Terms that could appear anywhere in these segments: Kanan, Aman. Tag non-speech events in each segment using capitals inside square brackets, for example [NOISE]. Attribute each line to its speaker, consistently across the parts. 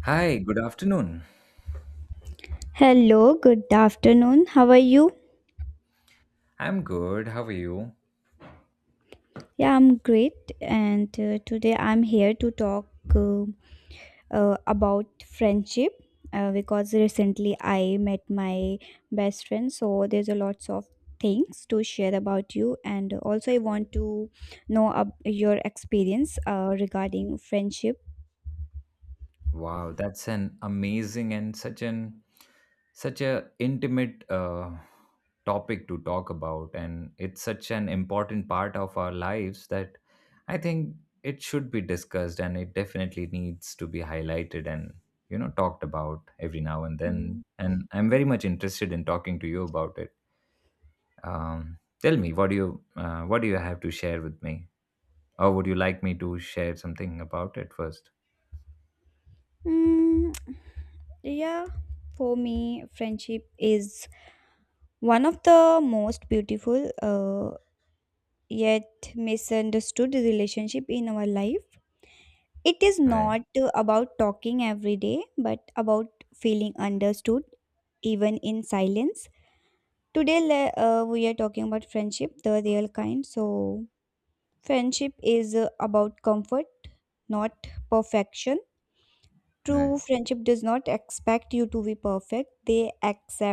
Speaker 1: Hi, good afternoon.
Speaker 2: Hello, good afternoon. How are you?
Speaker 1: I'm good. How are you?
Speaker 2: Yeah, I'm great. And today I'm here to talk uh, about friendship because recently I met my best friend. So there's a lots of things to share about you. And also, I want to know your experience regarding friendship.
Speaker 1: Wow, that's an amazing and such a intimate topic to talk about, and it's such an important part of our lives that I think it should be discussed, and it definitely needs to be highlighted and talked about every now and
Speaker 2: Mm.
Speaker 1: then. And I'm very much interested in talking to you about it. Tell me, what do you have to share with me? Or would you like me to share something about it first?
Speaker 2: Mm, yeah, for me, friendship is one of the most beautiful. Yet misunderstood relationship in our life. It is
Speaker 1: Right,
Speaker 2: not about talking every day, but about feeling understood even in silence. Today, we are talking about friendship, the real kind. So, friendship is about comfort, not perfection.
Speaker 1: right,
Speaker 2: True friendship does not expect you to be perfect, they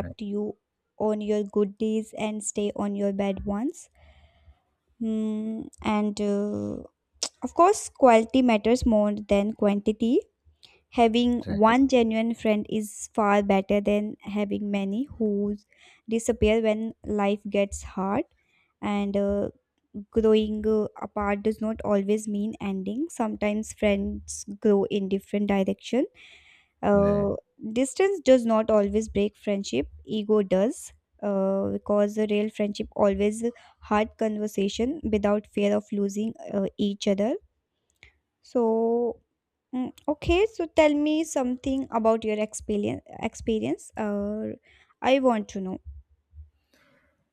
Speaker 1: right,
Speaker 2: you on your good days and stay on your bad ones. Hmm, and Of course, quality matters more than quantity. Having
Speaker 1: right,
Speaker 2: one genuine friend is far better than having many who disappear when life gets hard. And Growing apart does not always mean ending. Sometimes friends grow in different direction.
Speaker 1: right.
Speaker 2: Uh, Distance does not always break friendship. Ego does. Because a real friendship always hard conversation without fear of losing each other so, okay, so tell me something about your experience. Experience, I want to know.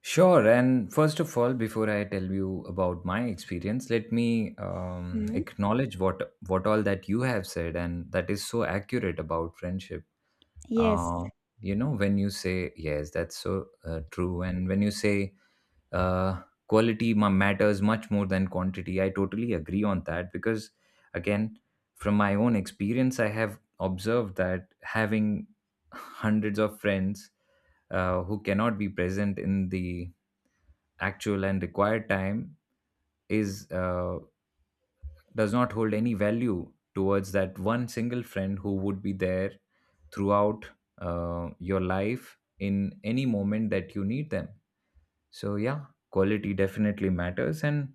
Speaker 1: Sure. And first of all, before I tell you about my experience, let me
Speaker 2: Hmm?
Speaker 1: acknowledge what all that you have said, and that is so accurate about friendship.
Speaker 2: Yes.
Speaker 1: uh, you know, when you say yes, that's so true. And when you say uh, quality matters much more than quantity, I totally agree on that because, again, from my own experience, I have observed that having [LAUGHS] hundreds of friends who cannot be present in the actual and required time is does not hold any value towards that one single friend who would be there throughout your life in any moment that you need them. So, yeah, quality definitely matters. And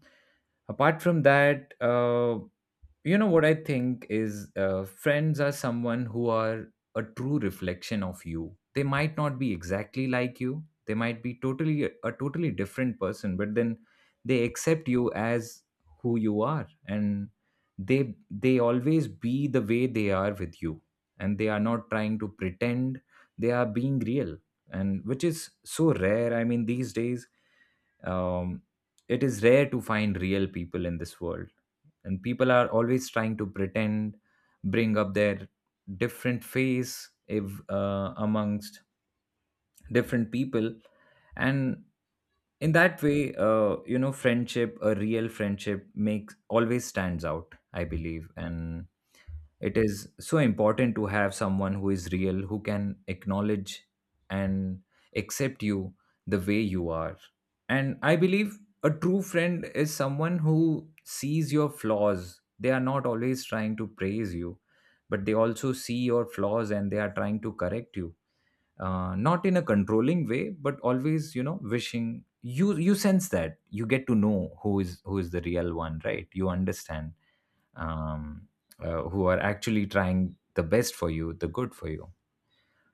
Speaker 1: apart from that, what I think is, friends are someone who are a true reflection of you. They might not be exactly like you, they might be totally a totally different person, but then they accept you as who you are, and they always be the way they are with you, and they are not trying to pretend. They are being real, and which is so rare. I mean, these days, um, it is rare to find real people in this world, and people are always trying to pretend, bring up their different face if, amongst different people. And in that way, friendship, a real friendship makes always stands out, I believe. And it is so important to have someone who is real, who can acknowledge and accept you the way you are. And I believe a true friend is someone who sees your flaws. They are not always trying to praise you, but they also see your flaws and they are trying to correct you, not in a controlling way, but always, wishing you. You sense that you get to know who is, who is the real one, right? You understand? um, who are actually trying the best for you, the good for you.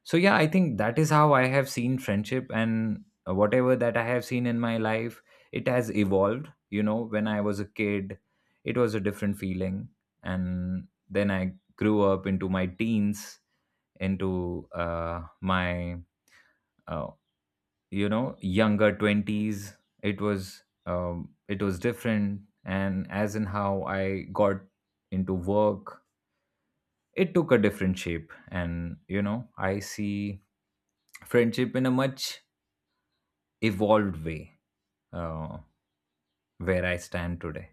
Speaker 1: So, yeah, I think that is how I have seen friendship. And whatever that I have seen in my life, it has evolved. You know, when I was a kid, it was a different feeling. And then I grew up into my teens, into uh, you know, younger 20s. It was different. And as in how I got into work, it took a different shape. And you know, I see friendship in a much evolved way, uh, where I stand today.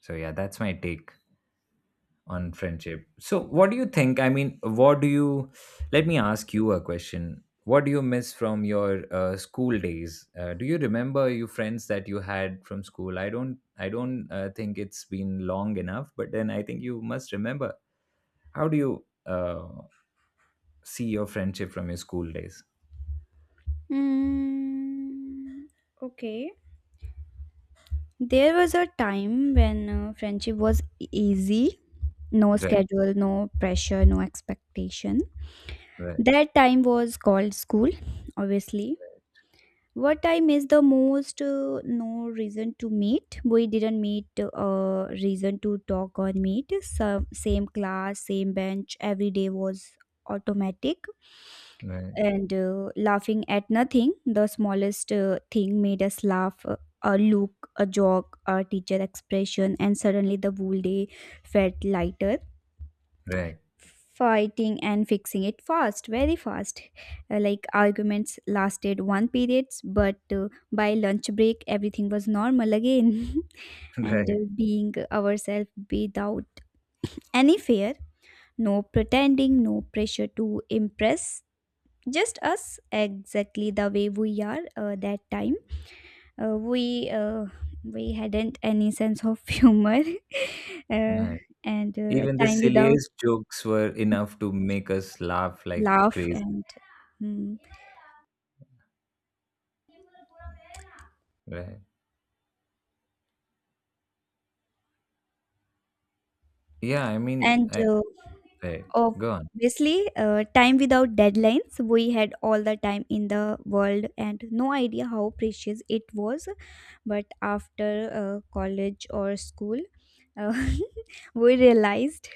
Speaker 1: So yeah, that's my take on friendship. So what do you think? I mean, what do you, let me ask you a question. What do you miss from your school days? Do you remember your friends that you had from school? I don't think it's been long enough, but then I think you must remember. How do you uh, see your friendship from your school days?
Speaker 2: Mm, okay. There was a time when friendship was easy, no
Speaker 1: Right,
Speaker 2: schedule, no pressure, no expectation.
Speaker 1: right,
Speaker 2: That time was called school, obviously. What time is the most no reason to meet? We didn't meet reason to talk or meet. Some, same class, same bench, every day was automatic.
Speaker 1: right,
Speaker 2: And laughing at nothing, the smallest thing made us laugh. A look, a joke, a teacher expression, and suddenly the whole day felt lighter,
Speaker 1: right,
Speaker 2: fighting and fixing it fast, very fast. Like arguments lasted one periods but by lunch break everything was normal again. [LAUGHS]
Speaker 1: [LAUGHS]
Speaker 2: And
Speaker 1: right,
Speaker 2: being ourselves without any fear, no pretending, no pressure to impress, just us exactly the way we are. That time uh, we uh, we hadn't any sense of [LAUGHS] humor. Uh,
Speaker 1: right.
Speaker 2: and
Speaker 1: Even the
Speaker 2: Time without
Speaker 1: silliest jokes were enough to make us laugh like
Speaker 2: laugh
Speaker 1: crazy.
Speaker 2: and mm.
Speaker 1: Right. Yeah, I mean,
Speaker 2: and
Speaker 1: I, right. Go on.
Speaker 2: Obviously time without deadlines, we had all the time in the world and no idea how precious it was. But after college or school, uh, [LAUGHS] we realized.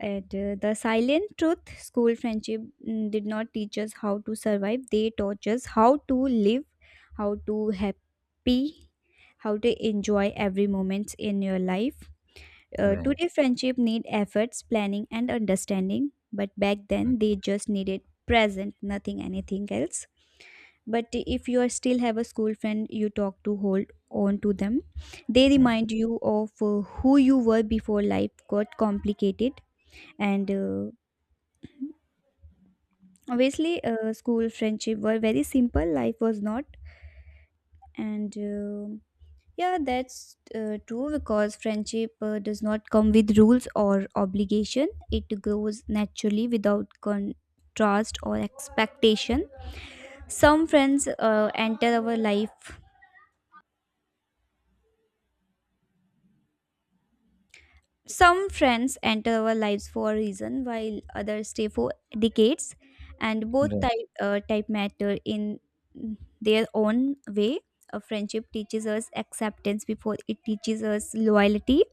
Speaker 2: And The silent truth: school friendship, did not teach us how to survive, they taught us how to live, how to happy, how to enjoy every moment in your life.
Speaker 1: Right.
Speaker 2: Today, friendship need efforts, planning, and understanding. But back
Speaker 1: mm,
Speaker 2: then, they just needed present, nothing, anything else. But if you are still have a school friend, you talk to hold on to them. They
Speaker 1: mm,
Speaker 2: remind you of who you were before life got complicated. And Obviously, school friendship were very simple. Life was not. And Yeah, that's true because friendship does not come with rules or obligation. It grows naturally without contrast or expectation. Some friends enter our life. Some friends enter our lives for a reason, while others stay for decades. And both
Speaker 1: Right.
Speaker 2: type matter in their own way. A friendship teaches us acceptance before it teaches us loyalty.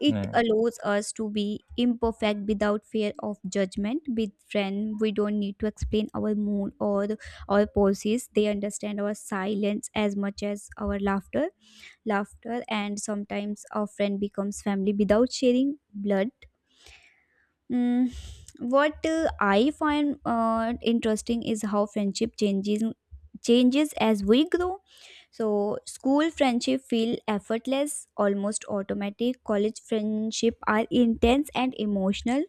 Speaker 2: It
Speaker 1: Right.
Speaker 2: allows us to be imperfect without fear of judgment. With friends, we don't need to explain our mood or our poses. They understand our silence as much as our laughter. Laughter, and sometimes our friend becomes family without sharing blood. Mm, what I find interesting is how friendship changes as we grow, so school friendship feel effortless, almost automatic, college friendship are intense and emotional,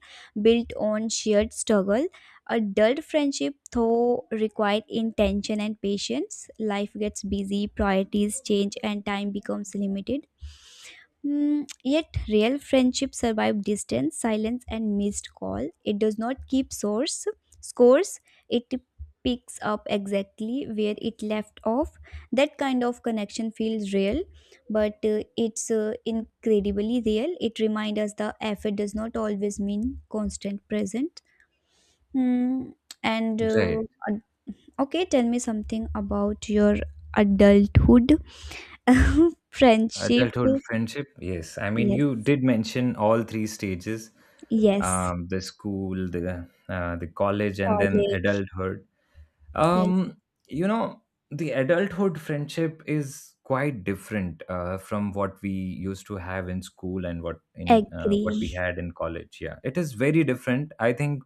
Speaker 2: built on shared struggle, adult friendship though require intention and patience, life gets busy, priorities change and time becomes limited. Yet real friendship survive distance, silence, and missed call. It does not keep source scores. It picks up exactly where it left off. That kind of connection feels real, but it's incredibly real. It reminds us the effort does not always mean constant present. Mm, and uh,
Speaker 1: Right.
Speaker 2: ad- okay, tell me something about your adulthood [LAUGHS] friendship.
Speaker 1: Adulthood friendship. Yes. I mean,
Speaker 2: Yes,
Speaker 1: you did mention all three stages,
Speaker 2: yes.
Speaker 1: the school, the college, and then
Speaker 2: College.
Speaker 1: adulthood.
Speaker 2: Yes,
Speaker 1: Um, you know, the adulthood friendship is quite different from what we used to have in school and what in what we
Speaker 2: agree.
Speaker 1: had in college. Yeah, it is very different. I think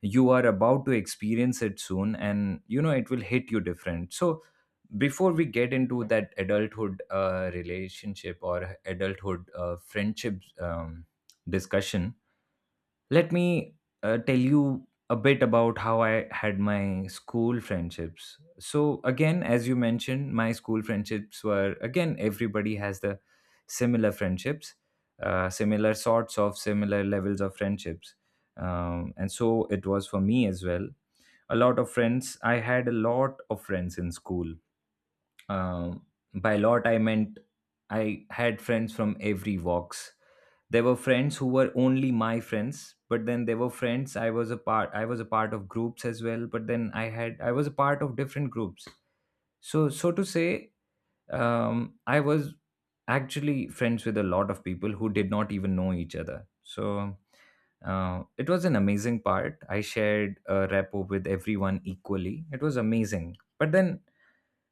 Speaker 1: you are about to experience it soon, and you know it will hit you different. So, before we get into that adulthood relationship or adulthood friendships, discussion, let me tell you a bit about how I had my school friendships. So, again, as you mentioned, my school friendships were, again, everybody has the similar friendships, similar sorts of, similar levels of friendships. And so it was for me as well. A lot of friends, I had a lot of friends in school. um, by lot, I meant I had friends from every walks. There were friends who were only my friends, but then there were friends I was a part of groups as well, but then I was a part of different groups. So, so to say, I was actually friends with a lot of people who did not even know each other. So it was an amazing part. I shared a repo with everyone equally. It was amazing. But then,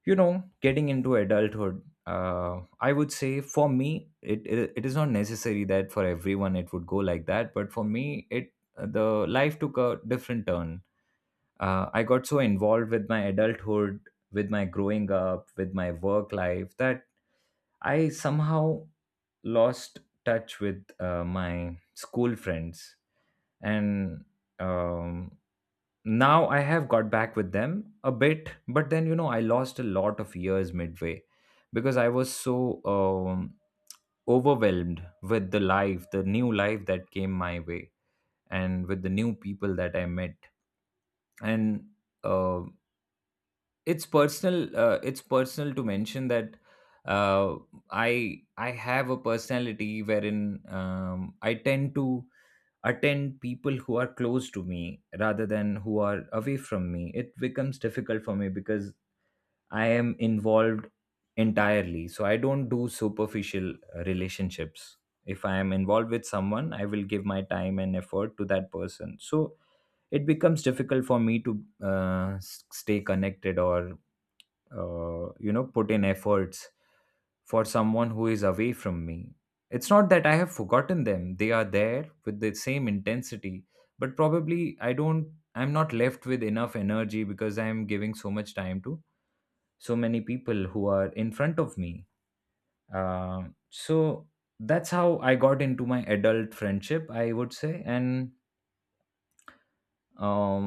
Speaker 1: you know, getting into adulthood, I would say for me, it is not necessary that for everyone it would go like that, but for me, it the life took a different turn. I got so involved with my adulthood, with my growing up, with my work life, that I somehow lost touch with my school friends. And um, now I have got back with them a bit, but then you know, I lost a lot of years midway because I was so overwhelmed with the life, the new life that came my way, and with the new people that I met. And uh, it's personal, to mention that, uh, I have a personality wherein I tend to attend people who are close to me rather than who are away from me. It becomes difficult for me because I am involved entirely, so I don't do superficial relationships. If I am involved with someone, I will give my time and effort to that person. So it becomes difficult for me to stay connected, or you know, put in efforts for someone who is away from me. It's not that I have forgotten them. They are there with the same intensity, but probably I don't, I'm not left with enough energy because I am giving so much time to so many people who are in front of me. Um so that's how I got into my adult friendship, I would say. And um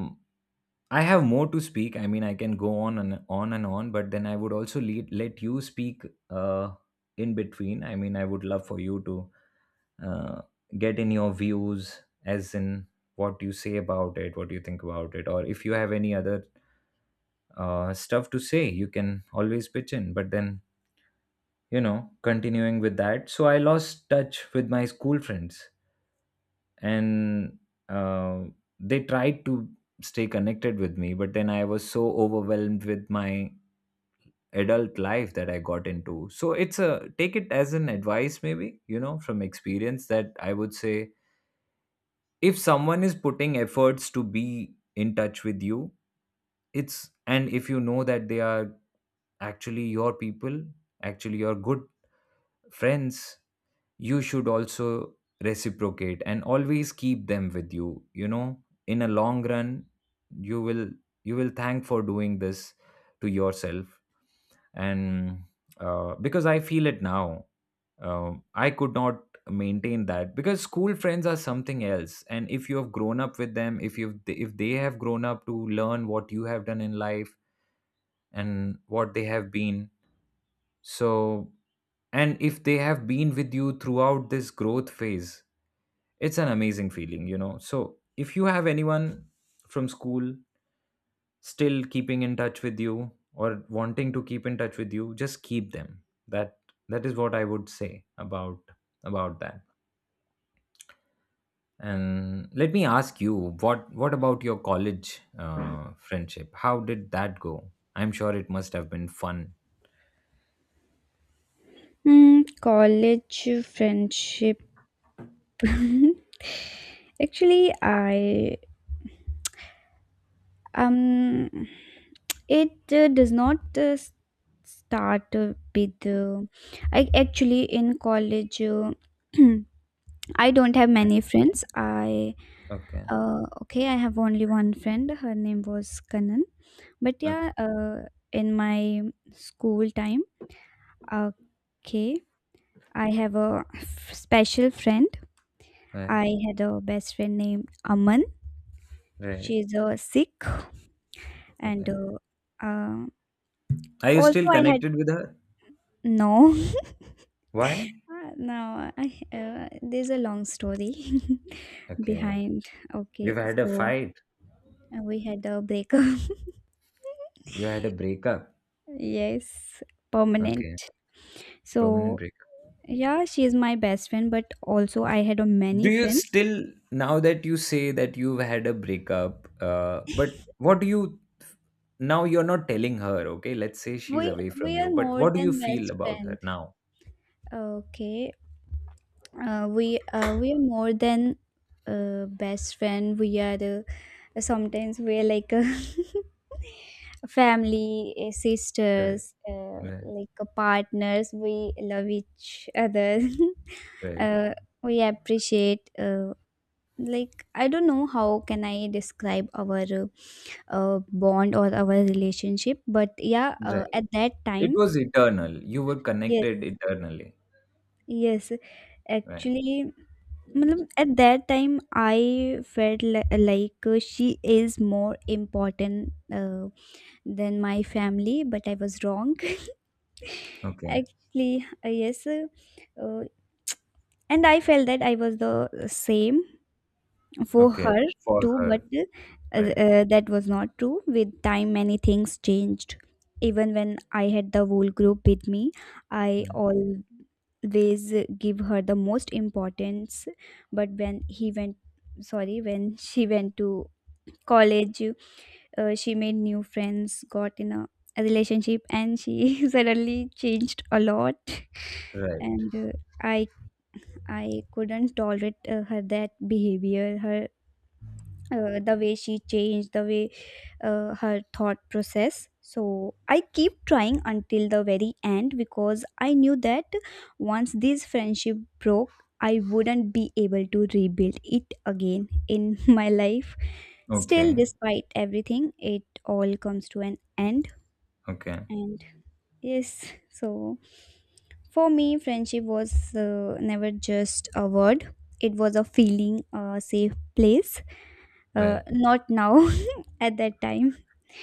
Speaker 1: I have more to speak. I mean, I can go on and on and on, but then I would also let you speak uh in between. I mean, I would love for you to uh, get in your views as in what you say about it, what you think about it, or if you have any other stuff to say, you can always pitch in. But then, you know, continuing with that, so I lost touch with my school friends. And uh, they tried to stay connected with me, but then I was so overwhelmed with my adult life that I got into. So it's a, take it as an advice maybe, you know, from experience, that I would say if someone is putting efforts to be in touch with you, it's, and if you know that they are actually your people, actually your good friends, you should also reciprocate and always keep them with you. You know, in a long run, you will, you will thank for doing this to yourself. And because I feel it now. I could not maintain that, because school friends are something else. And if you have grown up with them, if they have grown up to learn what you have done in life and what they have been. So and if they have been with you throughout this growth phase, it's an amazing feeling, you know. So if you have anyone from school still keeping in touch with you or wanting to keep in touch with you, just keep them. that that is what I would say about that. And let me ask you, what about your college friendship? How did that go? I'm sure it must have been fun.
Speaker 2: College friendship. [LAUGHS] Actually, I um, it does not start with. I actually in college. [CLEARS THROAT] I don't have
Speaker 1: Yeah.
Speaker 2: many friends. I
Speaker 1: Okay.
Speaker 2: Okay. I have only one friend. Her name was Kanan. But yeah,
Speaker 1: Okay.
Speaker 2: in my school time, okay, I have a special friend.
Speaker 1: Right.
Speaker 2: I had a best friend named Aman.
Speaker 1: Right.
Speaker 2: She's a Sikh, and
Speaker 1: Okay.
Speaker 2: uh,
Speaker 1: Are you
Speaker 2: also
Speaker 1: still
Speaker 2: I had
Speaker 1: connected with her?
Speaker 2: no, [LAUGHS]
Speaker 1: Why?
Speaker 2: No. There's a long story [LAUGHS]
Speaker 1: Okay.
Speaker 2: behind. Okay,
Speaker 1: You've had a
Speaker 2: so
Speaker 1: fight?
Speaker 2: we had a breakup. [LAUGHS]
Speaker 1: You had a breakup?
Speaker 2: Yes, permanent.
Speaker 1: Okay, permanent
Speaker 2: So
Speaker 1: breakup.
Speaker 2: yeah, she is my best friend, but also I had a many
Speaker 1: Do you
Speaker 2: friends.
Speaker 1: still, now that you say that you've had a breakup,
Speaker 2: [LAUGHS]
Speaker 1: but what do you, now you're not telling her, okay? Let's say she's
Speaker 2: we
Speaker 1: away
Speaker 2: we
Speaker 1: from
Speaker 2: are
Speaker 1: you, but
Speaker 2: more
Speaker 1: what do you
Speaker 2: than
Speaker 1: feel
Speaker 2: best
Speaker 1: about
Speaker 2: friend.
Speaker 1: her now?
Speaker 2: Okay, we are more than best friend, we are sometimes we're like a [LAUGHS] family,
Speaker 1: Right,
Speaker 2: sisters,
Speaker 1: right,
Speaker 2: like partners, we love each other. [LAUGHS]
Speaker 1: right,
Speaker 2: uh, we appreciate, like I don't know how can I describe our bond or our relationship, but yeah,
Speaker 1: right.
Speaker 2: at that
Speaker 1: It
Speaker 2: time,
Speaker 1: was eternal. You were
Speaker 2: yes,
Speaker 1: connected eternally.
Speaker 2: yes.
Speaker 1: Right.
Speaker 2: Actually, I mean, at that time I felt like she is more important than my family, but I was wrong. [LAUGHS]
Speaker 1: Okay,
Speaker 2: Actually, uh, and I felt that I was the same for
Speaker 1: okay.
Speaker 2: her
Speaker 1: For
Speaker 2: too, but
Speaker 1: her. Right,
Speaker 2: that was not true, with time many things changed, even when I had the whole group with me I
Speaker 1: right,
Speaker 2: always give her the most importance, but when he went, sorry when [LAUGHS] she went to college, she made new friends, got in a relationship and she [LAUGHS] suddenly changed a lot.
Speaker 1: right.
Speaker 2: And uh, i i couldn't tolerate her that behavior, her the way she changed, the way her thought process, so I keep trying until the very end because I knew that once this friendship broke I wouldn't be able to rebuild it again in [LAUGHS] my life. Still,
Speaker 1: Okay,
Speaker 2: despite everything it all comes to an end,
Speaker 1: okay,
Speaker 2: and yes, so for me friendship was never just a word, it was a feeling, a safe place,
Speaker 1: right.
Speaker 2: not now, [LAUGHS] at that time.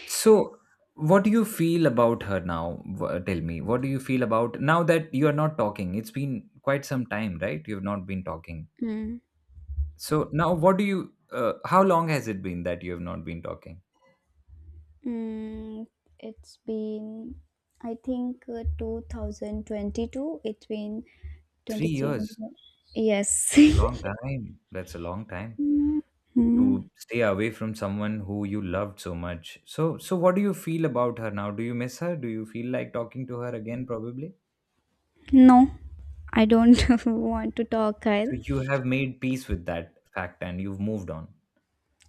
Speaker 1: So, what do you feel about her now? W- Tell me, what do you feel about now that you are not talking? It's been quite some time, right? You have not been talking.
Speaker 2: Mm.
Speaker 1: So now, what do you? How long has it been that you have not been talking?
Speaker 2: Mm, it's been, I think, 2022. It's been
Speaker 1: Three
Speaker 2: 23,
Speaker 1: years.
Speaker 2: 24. Yes.
Speaker 1: Long
Speaker 2: [LAUGHS]
Speaker 1: time. That's a long time
Speaker 2: Mm, mm,
Speaker 1: to stay away from someone who you loved so much. So, so what do you feel about her now? Do you miss her? Do you feel like talking to her again? Probably.
Speaker 2: no, I don't [LAUGHS] want to talk, Kyle.
Speaker 1: So you have made peace with that fact and you've moved on.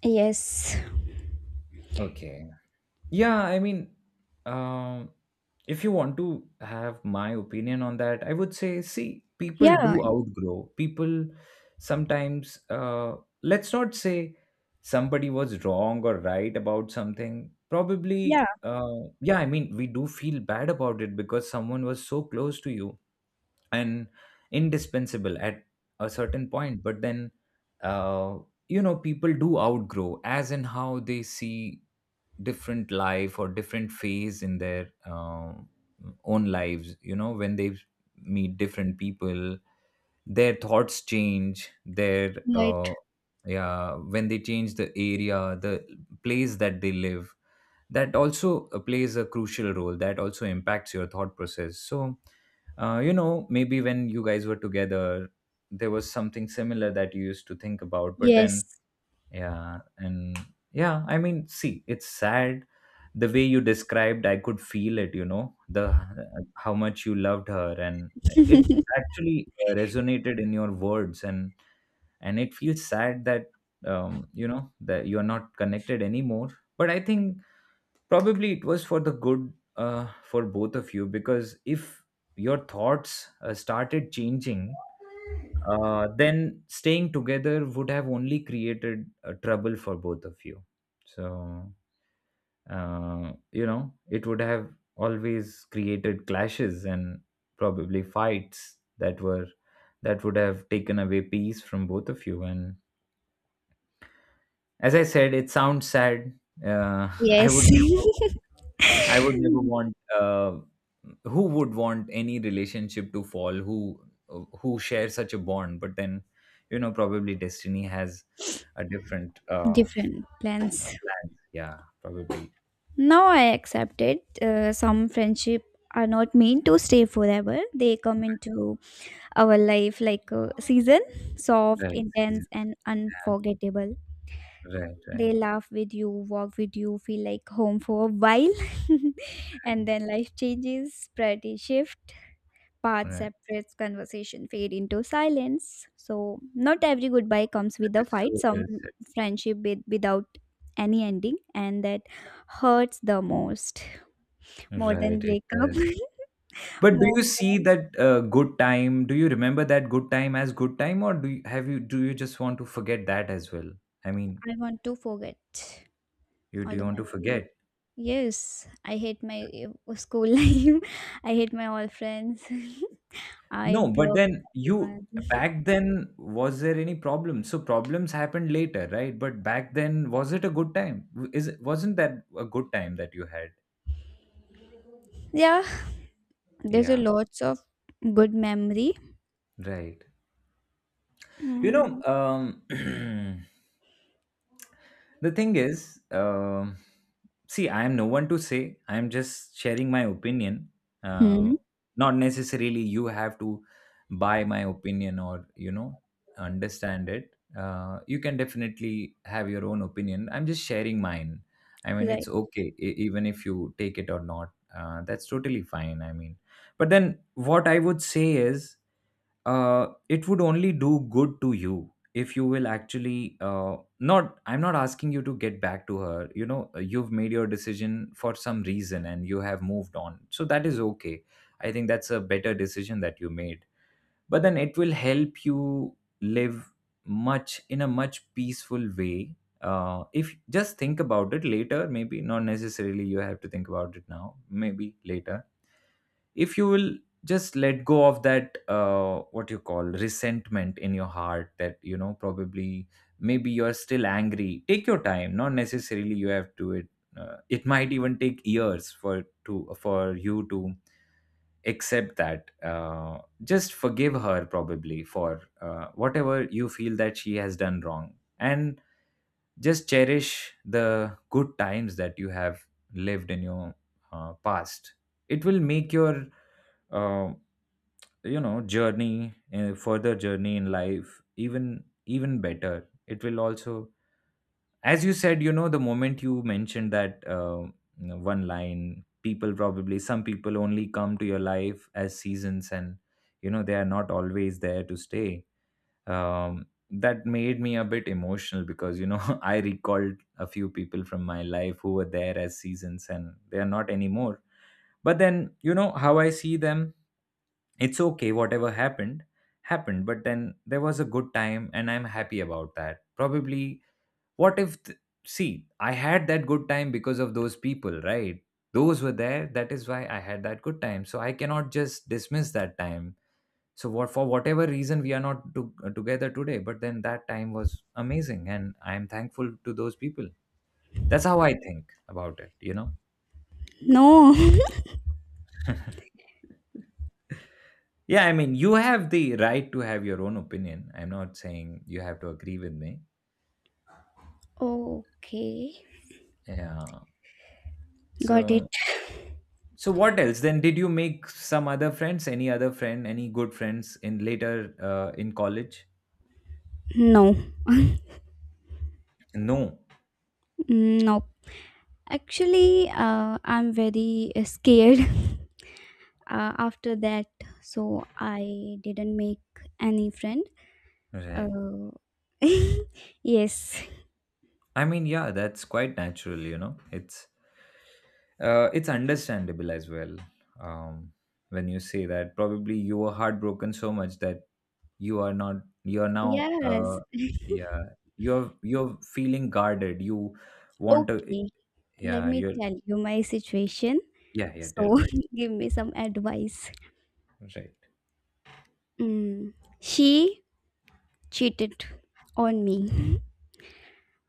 Speaker 2: Yes.
Speaker 1: Okay. Yeah, I mean, um, if you want to have my opinion on that, I would say, see, people
Speaker 2: Yeah,
Speaker 1: do outgrow. People sometimes, let's not say somebody was wrong or right about something.
Speaker 2: yeah,
Speaker 1: Probably, yeah, I mean, we do feel bad about it because someone was so close to you and indispensable at a certain point but then uh, you know people do outgrow as in how they see different life or different phase in their own lives, you know, when they meet different people, their thoughts change, their
Speaker 2: right.
Speaker 1: yeah, when they change the area, the place that they live, that also plays a crucial role, that also impacts your thought process. So you know, maybe when you guys were together there was something similar that you used to think about, but then
Speaker 2: Yes,
Speaker 1: yeah, and yeah, I mean, see, it's sad the way you described. I could feel it, you know, the how much you loved her, and it actually resonated in your words, and it feels sad that you know that you are not connected anymore. But I think probably it was for the good for both of you, because if your thoughts started changing, then staying together would have only created trouble for both of you. So, you know, it would have always created clashes and probably fights that would have taken away peace from both of you. And as I said, it sounds sad. Uh, [LAUGHS] I would
Speaker 2: yes.
Speaker 1: never I would never want. Who would want any relationship to fall? Who share such a bond? But then, you know, probably destiny has a different
Speaker 2: [LAUGHS] Different plans.
Speaker 1: plans. Yeah, probably.
Speaker 2: Now I accept it. Some friendship are not meant to stay forever. They come into our life like a season, soft,
Speaker 1: Right, season,
Speaker 2: intense and
Speaker 1: yeah.
Speaker 2: unforgettable,
Speaker 1: Right, right,
Speaker 2: they laugh with you, walk with you, feel like home for a while, [LAUGHS] and
Speaker 1: right,
Speaker 2: then life changes, priority shift, path
Speaker 1: right.
Speaker 2: separates, conversation fade into silence, so not every goodbye comes
Speaker 1: That
Speaker 2: with a
Speaker 1: is
Speaker 2: fight.
Speaker 1: so
Speaker 2: Some
Speaker 1: well said.
Speaker 2: friendship with, without any ending, and that hurts the most, more than
Speaker 1: Right, it
Speaker 2: breakup.
Speaker 1: does.
Speaker 2: [LAUGHS]
Speaker 1: But do you
Speaker 2: More
Speaker 1: see
Speaker 2: than
Speaker 1: that good time? Do you remember that good time as good time, or do you, have you do you just want to forget that as well? I mean,
Speaker 2: I want to forget
Speaker 1: you do
Speaker 2: all
Speaker 1: you
Speaker 2: the
Speaker 1: want to
Speaker 2: memories.
Speaker 1: forget?
Speaker 2: Yes, I hate my school [LAUGHS] life. I hate my all friends. [LAUGHS] I
Speaker 1: No, but
Speaker 2: block
Speaker 1: then you
Speaker 2: everyone. [LAUGHS]
Speaker 1: back then was there any problem? So problems happened later, right? But back then, was it a good time? W- Is it- wasn't that a good time that you had?
Speaker 2: Yeah, there's a
Speaker 1: Yeah,
Speaker 2: lots of good memory.
Speaker 1: right. You know,
Speaker 2: Mm.
Speaker 1: [CLEARS THROAT] the thing is, see, I am no one to say. I am just sharing my opinion. Uh,
Speaker 2: Hmm.
Speaker 1: Not necessarily you have to buy my opinion, or you know, understand it. You can definitely have your own opinion. I'm just sharing mine. I mean,
Speaker 2: Right.
Speaker 1: it's okay, e- even if you take it or not. That's totally fine. I mean, but then what I would say is it would only do good to you if you will actually not, I'm not asking you to get back to her, you know. You've made your decision for some reason and you have moved on, so that is okay. I think that's a better decision that you made, but then it will help you live much in a much peaceful way if just think about it later. Maybe not necessarily you have to think about it now, maybe later. If you will just let go of that what you call resentment in your heart, that you know probably maybe you're still angry. Take your time, not necessarily you have to it. It might even take years for you to accept that. Just forgive her probably for whatever you feel that she has done wrong, and just cherish the good times that you have lived in your past. It will make your uh, you know journey, further journey in life, even better. It will also, as you said, you know, the moment you mentioned that you know, one line, people probably some people only come to your life as seasons and you know they are not always there to stay. That made me a bit emotional, because you know, [LAUGHS] I recalled a few people from my life who were there as seasons and they are not anymore. But then you know how I see them, it's okay. Whatever happened happened, but then there was a good time and I'm happy about that. Probably what if th- see, I had that good time because of those people, right? Those were there, that is why I had that good time, so I cannot just dismiss that time. So what, for whatever reason we are not together today, but then that time was amazing and I am thankful to those people. That's how I think about it, you know.
Speaker 2: No. [LAUGHS]
Speaker 1: [LAUGHS] Yeah, I mean, you have the right to have your own opinion. I'm not saying you have to agree with me.
Speaker 2: Okay.
Speaker 1: Yeah.
Speaker 2: Got it.
Speaker 1: So, so what else? Then did you make some other friends? Any other friend? Any good friends in later in college?
Speaker 2: No.
Speaker 1: No.
Speaker 2: Mm, nope. Actually, I'm very scared [LAUGHS] after that, so I didn't make any friend.
Speaker 1: Right.
Speaker 2: Uh, [LAUGHS] yes.
Speaker 1: I mean, yeah, that's quite natural. You know, it's understandable as well. Um, when you say that, probably you were heartbroken so much that you are not, you are now
Speaker 2: Yes.
Speaker 1: yeah, you're feeling guarded. You want to
Speaker 2: Okay. Let
Speaker 1: yeah,
Speaker 2: me
Speaker 1: you're
Speaker 2: tell you my situation.
Speaker 1: yeah, yeah, tell
Speaker 2: So
Speaker 1: me.
Speaker 2: [LAUGHS] give me some advice.
Speaker 1: Right,
Speaker 2: Mm. She cheated on me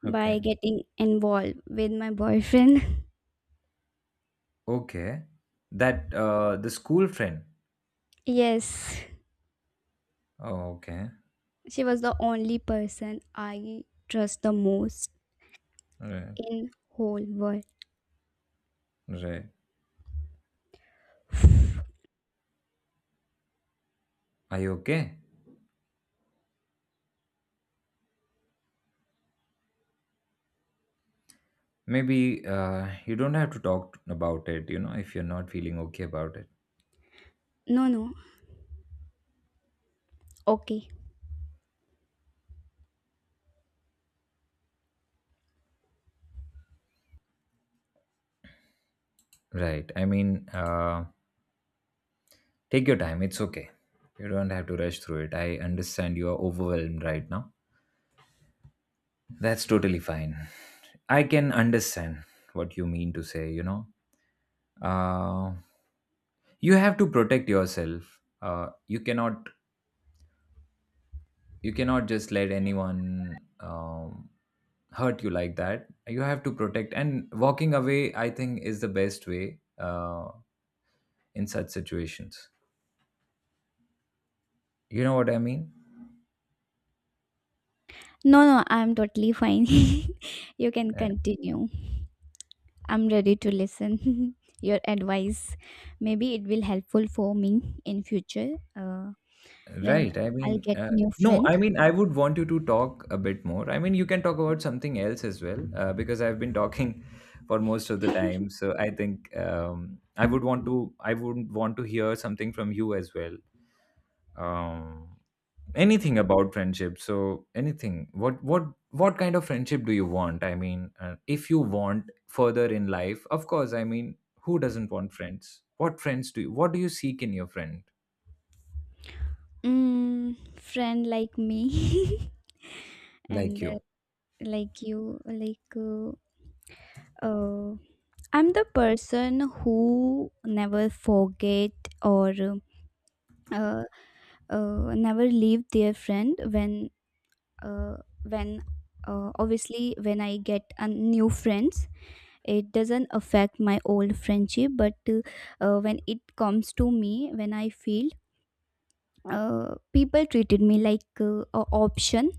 Speaker 1: okay,
Speaker 2: by getting involved with my boyfriend. [LAUGHS]
Speaker 1: okay, that the school friend.
Speaker 2: Yes,
Speaker 1: Oh, okay.
Speaker 2: she was the only person I trust the most
Speaker 1: Right,
Speaker 2: in whole world.
Speaker 1: right. Are you okay? Maybe you don't have to talk about it, you know, if you're not feeling okay about it.
Speaker 2: No, no. Okay.
Speaker 1: Right, I mean, take your time, it's okay. You don't have to rush through it, I understand you are overwhelmed right now. That's totally fine. I can understand what you mean to say, you know. Uh, you have to protect yourself. You cannot, you cannot just let anyone hurt you like that. You have to protect, and walking away I think is the best way in such situations. You know what I mean?
Speaker 2: No, no, I'm totally fine. [LAUGHS] You can continue. I'm ready to listen [LAUGHS] your advice. Maybe it will helpful for me in future when
Speaker 1: Right. I
Speaker 2: I'll
Speaker 1: mean,
Speaker 2: get new
Speaker 1: no,
Speaker 2: friend.
Speaker 1: I mean, I would want you to talk a bit more. I mean, you can talk about something else as well, because I've been talking [LAUGHS] for most of the
Speaker 2: [LAUGHS]
Speaker 1: time. So I think I would want to, I would want to hear something from you as well. Um, Anything about friendship. So anything. What kind of friendship do you want? I mean, if you want further in life, of course. I mean, who doesn't want friends? What friends do you? What do you seek in your friend?
Speaker 2: Friend like me [LAUGHS] and
Speaker 1: Like you,
Speaker 2: like you, like uh, I'm the person who never forget or uh, never leave their friend uh, when obviously when I get a new friends it doesn't affect my old friendship. But When it comes to me, when I feel people treated me like a option,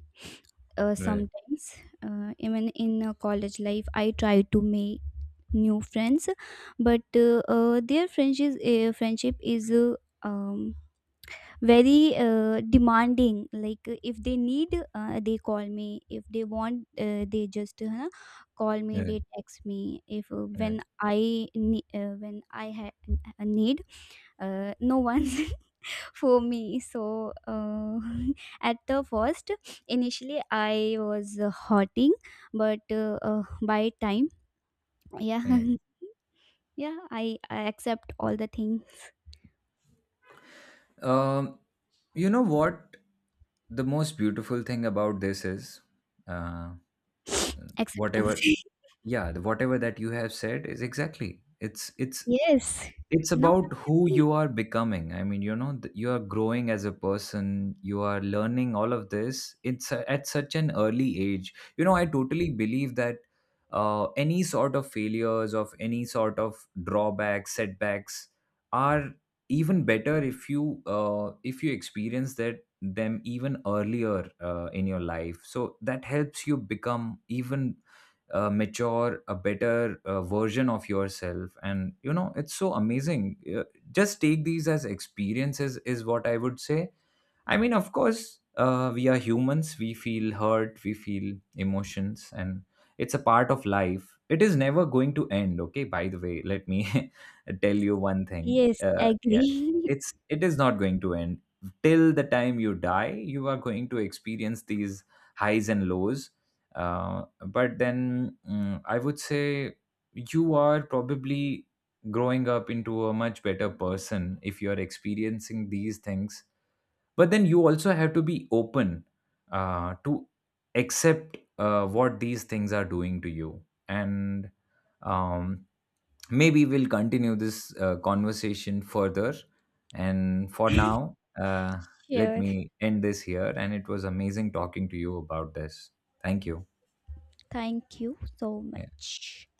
Speaker 1: right?
Speaker 2: sometimes, even in college life I try to make new friends, but their friendship is um, very demanding, like if they need they call me, if they want they just call me,
Speaker 1: Right.
Speaker 2: they text me if when
Speaker 1: Right.
Speaker 2: I when I had a need, no one [LAUGHS] for me. So [LAUGHS] at the first, initially I was hurting, but by time yeah,
Speaker 1: Right.
Speaker 2: [LAUGHS] yeah I accept all the things.
Speaker 1: Um, you know what? The most beautiful thing about this is, uh,
Speaker 2: [SNIFFS] Acceptance.
Speaker 1: whatever,
Speaker 2: [LAUGHS]
Speaker 1: yeah, whatever that you have said is exactly. It's
Speaker 2: Yes,
Speaker 1: it's
Speaker 2: now
Speaker 1: about who
Speaker 2: happy.
Speaker 1: you are becoming. I mean, you know, th- you are growing as a person, you are learning all of this. At such an early age, you know, I totally believe that any sort of failures of any sort of drawbacks setbacks are even better if you experience that them even earlier in your life, so that helps you become even mature, a better version of yourself, and you know it's so amazing. Just take these as experiences is what I would say. I mean, of course, we are humans. We feel hurt, we feel emotions, and it's a part of life. It is never going to end, okay? By the way, let me [LAUGHS] tell you one thing.
Speaker 2: Yes,
Speaker 1: Yeah,
Speaker 2: agree. [LAUGHS]
Speaker 1: it's it is not going to end till the time you die. You are going to experience these highs and lows. But then mm, I would say you are probably growing up into a much better person if you are experiencing these things, but then you also have to be open to accept what these things are doing to you, and um, maybe we'll continue this conversation further, and for now let
Speaker 2: Sure.
Speaker 1: me end this here. And it was amazing talking to you about this. Thank you.
Speaker 2: Thank you so
Speaker 1: Yeah.
Speaker 2: much.